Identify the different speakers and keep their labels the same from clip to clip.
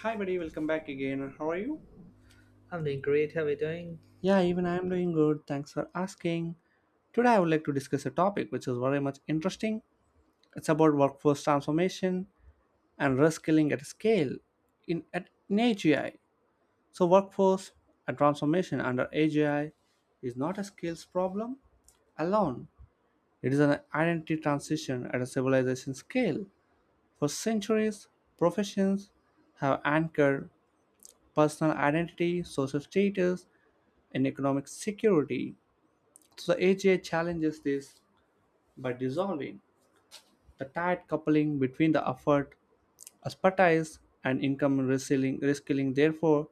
Speaker 1: Hi, buddy, welcome back again. How are you?
Speaker 2: I'm doing great. How are you doing?
Speaker 1: Yeah, even I am doing good. Thanks for asking. Today, I would like to discuss a topic which is very much interesting. It's about workforce transformation and reskilling at scale in AGI. So workforce and transformation under AGI is not a skills problem alone. It is an identity transition at a civilization scale. For centuries, professions have anchored personal identity, social status, and economic security. So the AGI challenges this by dissolving the tight coupling between the effort, expertise, and income reskilling. Therefore,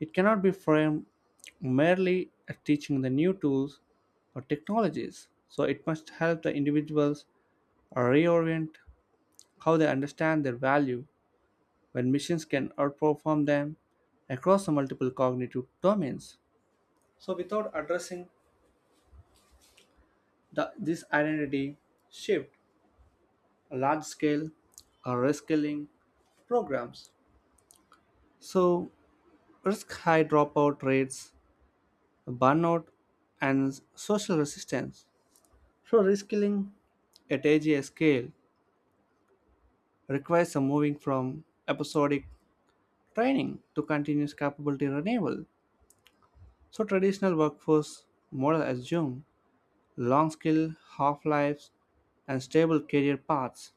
Speaker 1: it cannot be framed merely as teaching the new tools or technologies. So it must help the individuals reorient how they understand their value when machines can outperform them across the multiple cognitive domains. So without addressing this identity shift, large-scale reskilling programs. So risk high dropout rates, burnout, and social resistance. So reskilling at AGI scale requires a moving from episodic training to continuous capability renewal. So traditional workforce model assume long skill half-lives and stable career paths.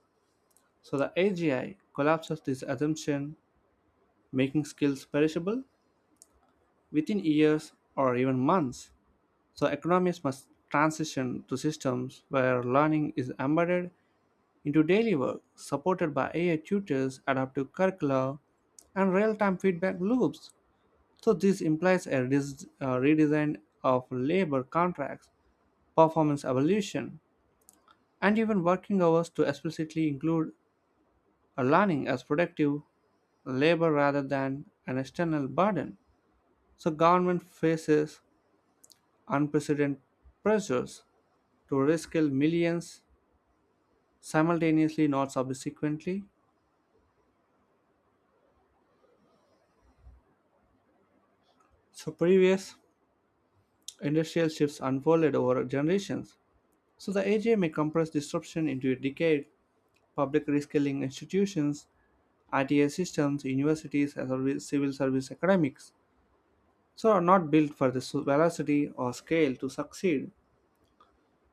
Speaker 1: So the AGI collapses this assumption, making skills perishable within years or even months. So, economists must transition to systems where learning is embedded into daily work, supported by AI tutors, adaptive curricula, and real time feedback loops. So this implies a redesign of labor contracts, performance evolution, and even working hours to explicitly include a learning as productive labor rather than an external burden. So government faces unprecedented pressures to rescale millions simultaneously, not subsequently. So previous industrial shifts unfolded over generations. So the AGA may compress disruption into a decade. Public reskilling institutions, ITA systems, universities, and civil service academics, so are not built for this velocity or scale to succeed.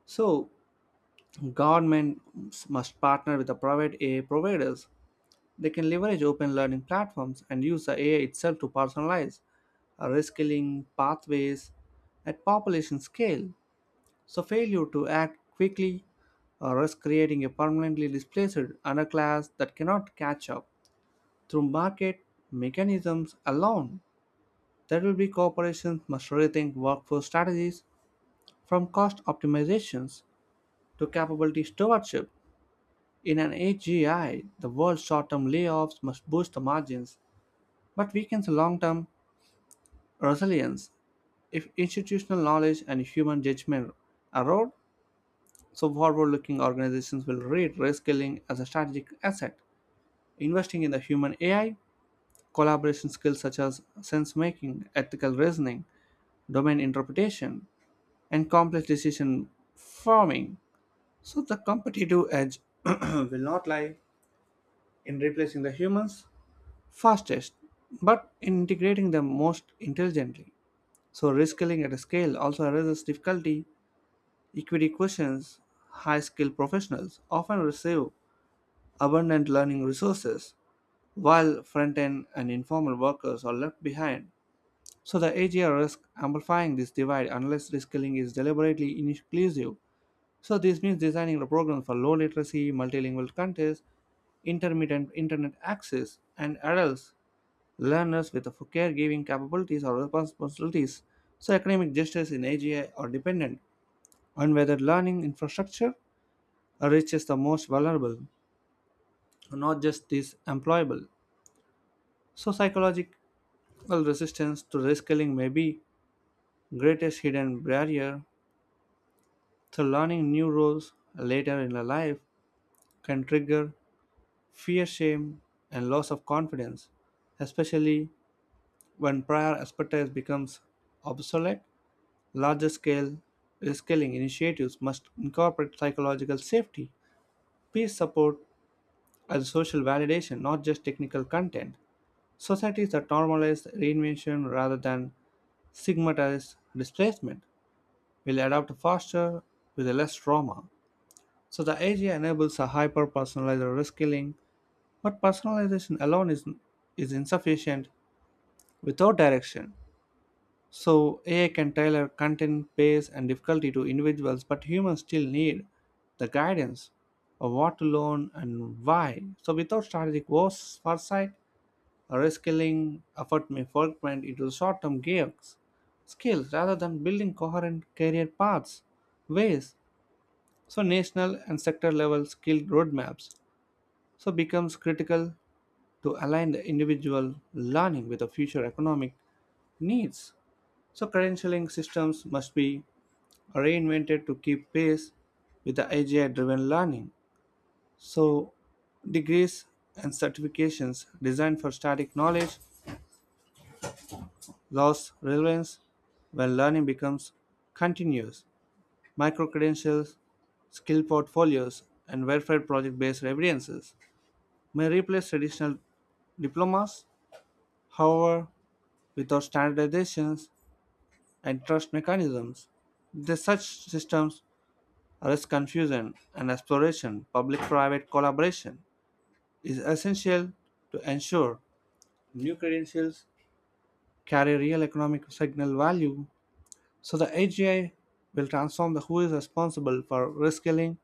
Speaker 1: So government must partner with the private AI providers. They can leverage open learning platforms and use the AI itself to personalize reskilling pathways at population scale. So failure to act quickly risk creating a permanently displaced underclass that cannot catch up. Through market mechanisms alone, there will be corporations must rethink workforce strategies from cost optimizations to capability stewardship. In an AGI, the world's short term layoffs must boost the margins but weakens long term resilience if institutional knowledge and human judgment erode. So forward looking organizations will rate risk scaling as a strategic asset, investing in the human AI, collaboration skills such as sense making, ethical reasoning, domain interpretation, and complex decision forming. So the competitive edge will not lie in replacing the humans fastest, but in integrating them most intelligently. So reskilling at scale also raises difficulty equity questions. High skilled professionals often receive abundant learning resources, while front end and informal workers are left behind. So the AGR risk amplifying this divide unless reskilling is deliberately inclusive. So this means designing a program for low literacy, multilingual countries, intermittent internet access, and adults learners with caregiving capabilities or responsibilities, so economic gestures in AGI are dependent on whether learning infrastructure reaches the most vulnerable, not just these employable. So psychological resistance to reskilling may be greatest hidden barrier. So learning new roles later in life can trigger fear, shame, and loss of confidence, especially when prior expertise becomes obsolete. Larger scale scaling initiatives must incorporate psychological safety, peer support, and social validation, not just technical content. Societies that normalize reinvention rather than stigmatize displacement will adapt faster with less trauma. So the AGI enables a hyper-personalized reskilling, but personalization is insufficient without direction. So AI can tailor content, pace, and difficulty to individuals, but humans still need the guidance of what to learn and why. So without strategic foresight, a reskilling effort may fragment into short-term gigs, skills rather than building coherent career paths, ways. So national and sector-level skill roadmaps so becomes critical to align the individual learning with the future economic needs. So credentialing systems must be reinvented to keep pace with the AI driven learning. So degrees and certifications designed for static knowledge lost relevance when learning becomes continuous. Micro credentials, skill portfolios, and verified project based evidences may replace traditional diplomas, however, without standardizations and trust mechanisms. The such systems risk confusion and exploration, public private collaboration. Is essential to ensure new credentials carry real economic signal value. So the AGI will transform the who is responsible for reskilling.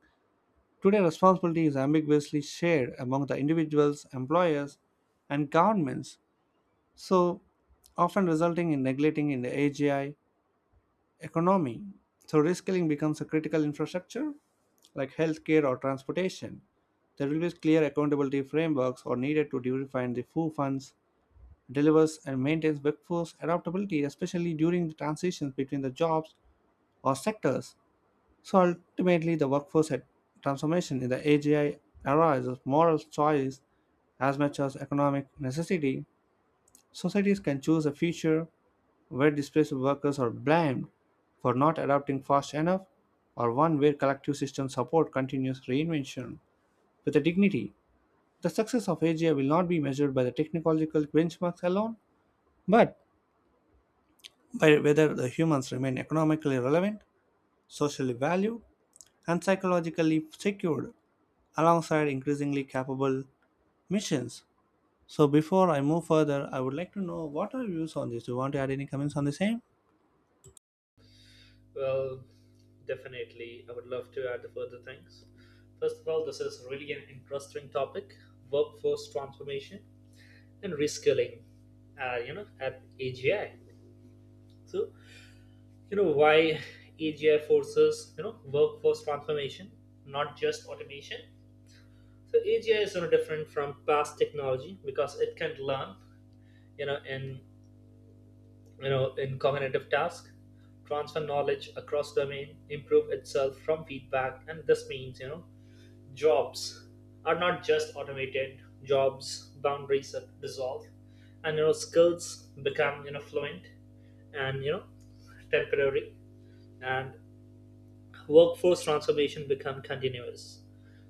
Speaker 1: Today, responsibility is ambiguously shared among the individuals, employers, and governments. So often resulting in neglecting in the AGI economy. So reskilling becomes a critical infrastructure like healthcare or transportation. There will be clear accountability frameworks or needed to define the who funds delivers and maintains workforce adaptability, especially during the transitions between the jobs or sectors. So ultimately, the workforce transformation in the AGI era is a moral choice as much as economic necessity. Societies can choose a future where displaced workers are blamed for not adapting fast enough, or one where collective systems support continuous reinvention with a dignity. The success of AGI will not be measured by the technological benchmarks alone, but by whether the humans remain economically relevant, socially valued, and psychologically secured alongside increasingly capable missions. So before I move further, I would like to know what are your views on this? Do you want to add any comments on the same?
Speaker 2: Well, definitely, I would love to add the further things. First of all, this is really an interesting topic: workforce transformation and reskilling, at AGI. So, why AGI forces, workforce transformation, not just automation. So AGI is different from past technology because it can learn, you know, in in cognitive task, transfer knowledge across domain, improve itself from feedback. And this means jobs are not just automated. Jobs boundaries are dissolved, and skills become fluent and temporary, and workforce transformation become continuous,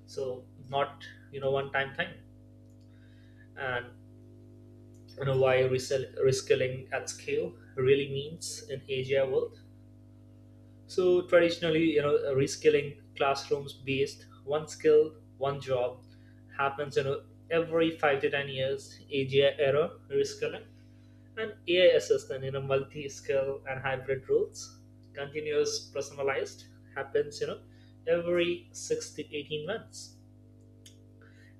Speaker 2: so not one time thing. And why reskilling at scale really means in asia world. So traditionally, reskilling classrooms based one skill, one job, happens, every 5 to 10 years. AGI era reskilling and AI assistant in a multi-skill and hybrid roles, continuous, personalized, happens, every 6 to 18 months.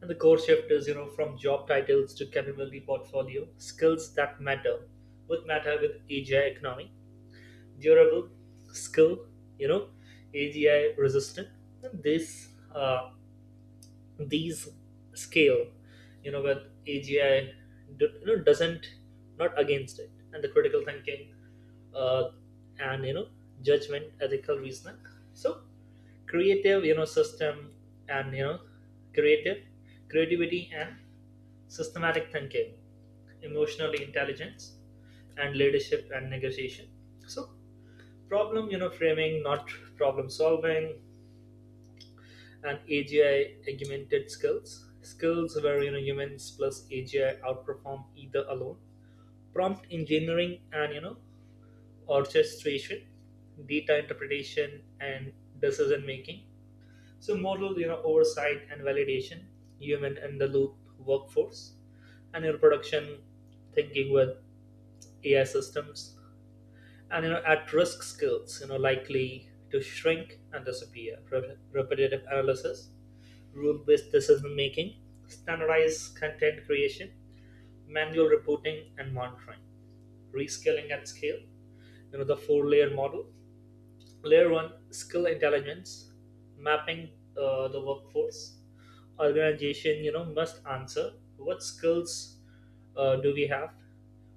Speaker 2: And the core shift is, from job titles to capability portfolio. Skills that matter would matter with AGI economy: durable skill, you know, AGI resistant. And this these scale, with AGI, doesn't, not against it, and the critical thinking, uh, and you know, judgment, ethical reasoning. So creative, system and creative, creativity and systematic thinking, emotional intelligence, and leadership and negotiation. So problem framing, not problem solving, and agi augmented skills, skills where humans plus agi outperform either alone. Prompt engineering and orchestration, data interpretation, and decision making, so model oversight and validation, human in the loop workforce, and your production thinking with ai systems. And at-risk skills likely to shrink and disappear. Repetitive analysis, rule-based decision making, standardized content creation, manual reporting and monitoring. Reskilling at scale, the four-layer model. Layer one: skill intelligence mapping. The workforce organization must answer: what skills do we have,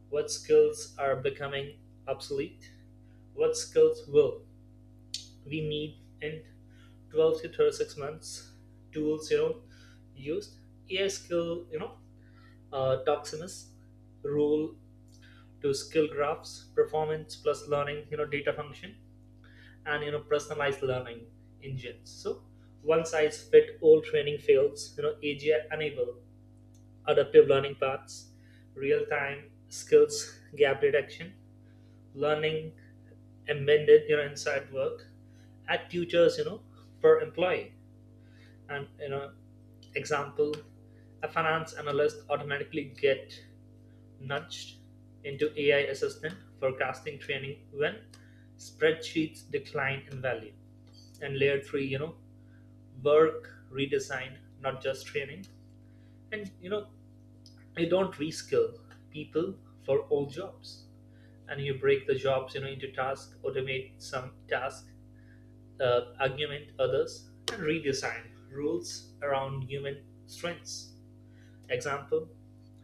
Speaker 2: what skills are becoming obsolete, what skills will we need in 12 to 36 months. Tools used, ai skill, Doximus rule to skill graphs, performance plus learning, data function, and personalized learning engines. So one size fit all training fails. Agi enable adaptive learning paths, real time skills gap detection, learning embedded inside work, at tutors, per employee. And example, a finance analyst automatically get nudged into ai assistant forecasting training when spreadsheets decline in value. And layer 3, work redesign, not just training. And you don't reskill people for old jobs. And you break the jobs, into tasks, automate some tasks, augment others, and redesign rules around human strengths. Example: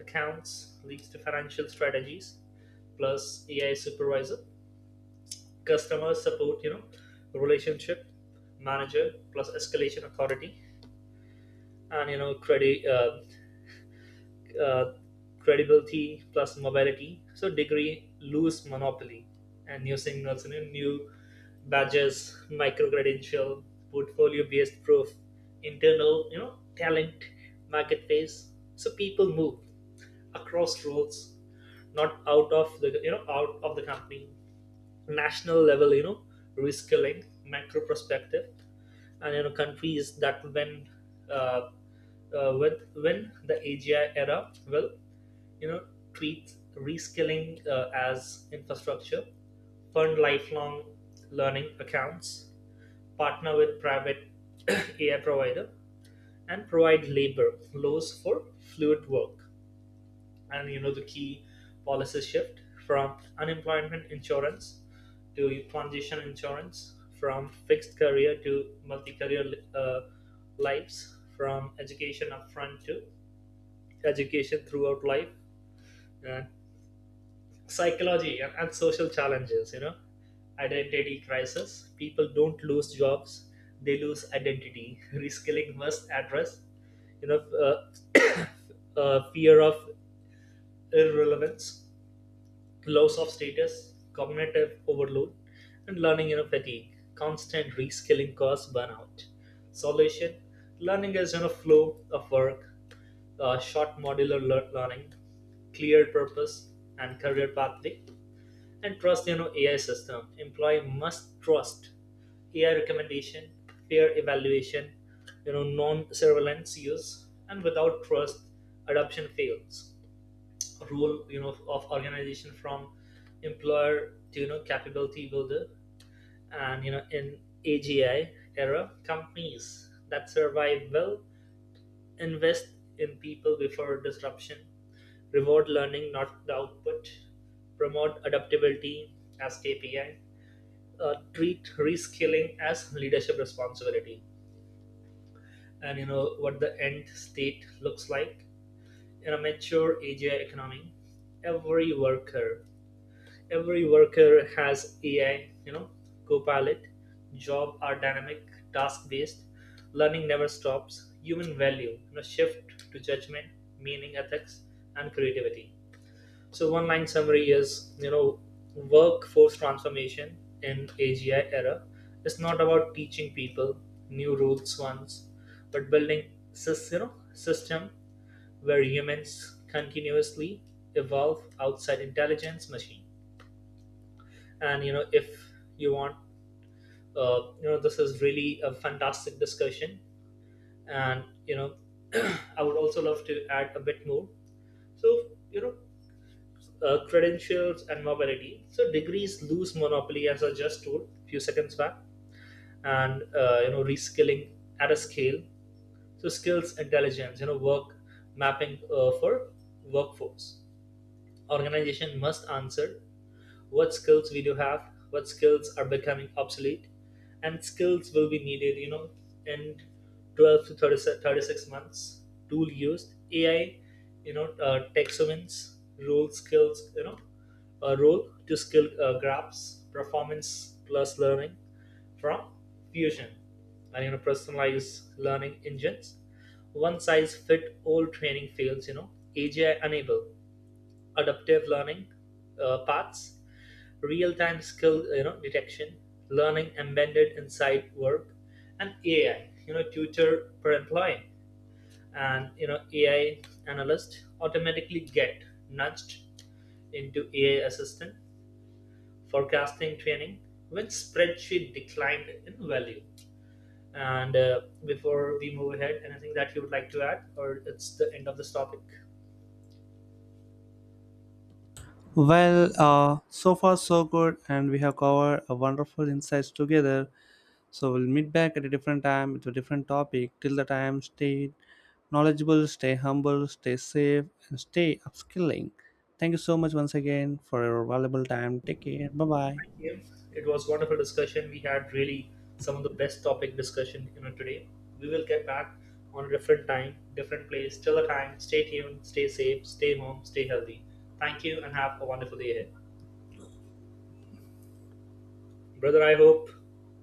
Speaker 2: accounts leads to financial strategies plus AI supervisor; customer support, relationship manager plus escalation authority; and you know, credit uh, credibility plus mobility. So degree loose monopoly, and new signals, and new badges, micro credential, portfolio based proof, internal, talent market phase. So people move across roles, not out of the company. National level, reskilling macro perspective. And countries that, uh, when the AGI era will, you know treat reskilling as infrastructure, fund lifelong learning accounts, partner with private AI provider, and provide labor laws for fluid work. And the key policy shift: from unemployment insurance to transition insurance, from fixed career to multi-career uh, lives, from education upfront to education throughout life. And psychology and social challenges. Identity crisis. People don't lose jobs; they lose identity. Reskilling must address, you know, uh, fear of irrelevance, loss of status, cognitive overload, and learning, fatigue. Constant reskilling cause burnout. Solution: learning is in a flow of work, short modular learning, clear purpose and career pathway, and trust, AI system. Employee must trust AI recommendation, peer evaluation, non-surveillance use. And without trust, adoption fails. Role of organization, from employer to capability builder. And in agi era, companies that survive well invest in people before disruption, reward learning not the output, promote adaptability as kpi, treat reskilling as leadership responsibility. And what the end state looks like: in a mature agi economy, every worker every worker has AI, Copilot. Job are dynamic, task based. Learning never stops. Human value, shift to judgment, meaning, ethics, and creativity. So one line summary is, workforce transformation in AGI era is not about teaching people new rules once, but building system where humans continuously evolve outside intelligence machine. And if you want, this is really a fantastic discussion. And I would also love to add a bit more. So credentials and mobility. So degrees lose monopoly, as I just told a few seconds back. And reskilling at a scale. So skills intelligence, work mapping for workforce organization must answer: what skills we do have, what skills are becoming obsolete, and skills will be needed, in 12 to 30, 36 months. Tool used, AI, taxonomies, role skills, role to skill graphs, performance plus learning from Fusion, and personalized learning engines. One size fit all training fields. AGI enable adaptive learning, paths, real-time skill, detection, learning embedded inside work, and AI, tutor per employee. And AI analyst automatically get nudged into AI assistant forecasting training when spreadsheet declined in value. And before we move ahead, anything that you would like to add, or it's the end of this topic?
Speaker 1: Well, so far so good, and we have covered a wonderful insights together. So we'll meet back at a different time with a different topic. Till the time, stay knowledgeable, stay humble, stay safe, and stay upskilling. Thank you so much once again for your valuable time. Take care. Bye bye.
Speaker 2: Thank you. It was wonderful discussion. We had really some of the best topic discussion, today. We will get back on a different time, different place. Till the time, stay tuned, stay safe, stay home, stay healthy. Thank you, and have a wonderful day ahead, brother. I hope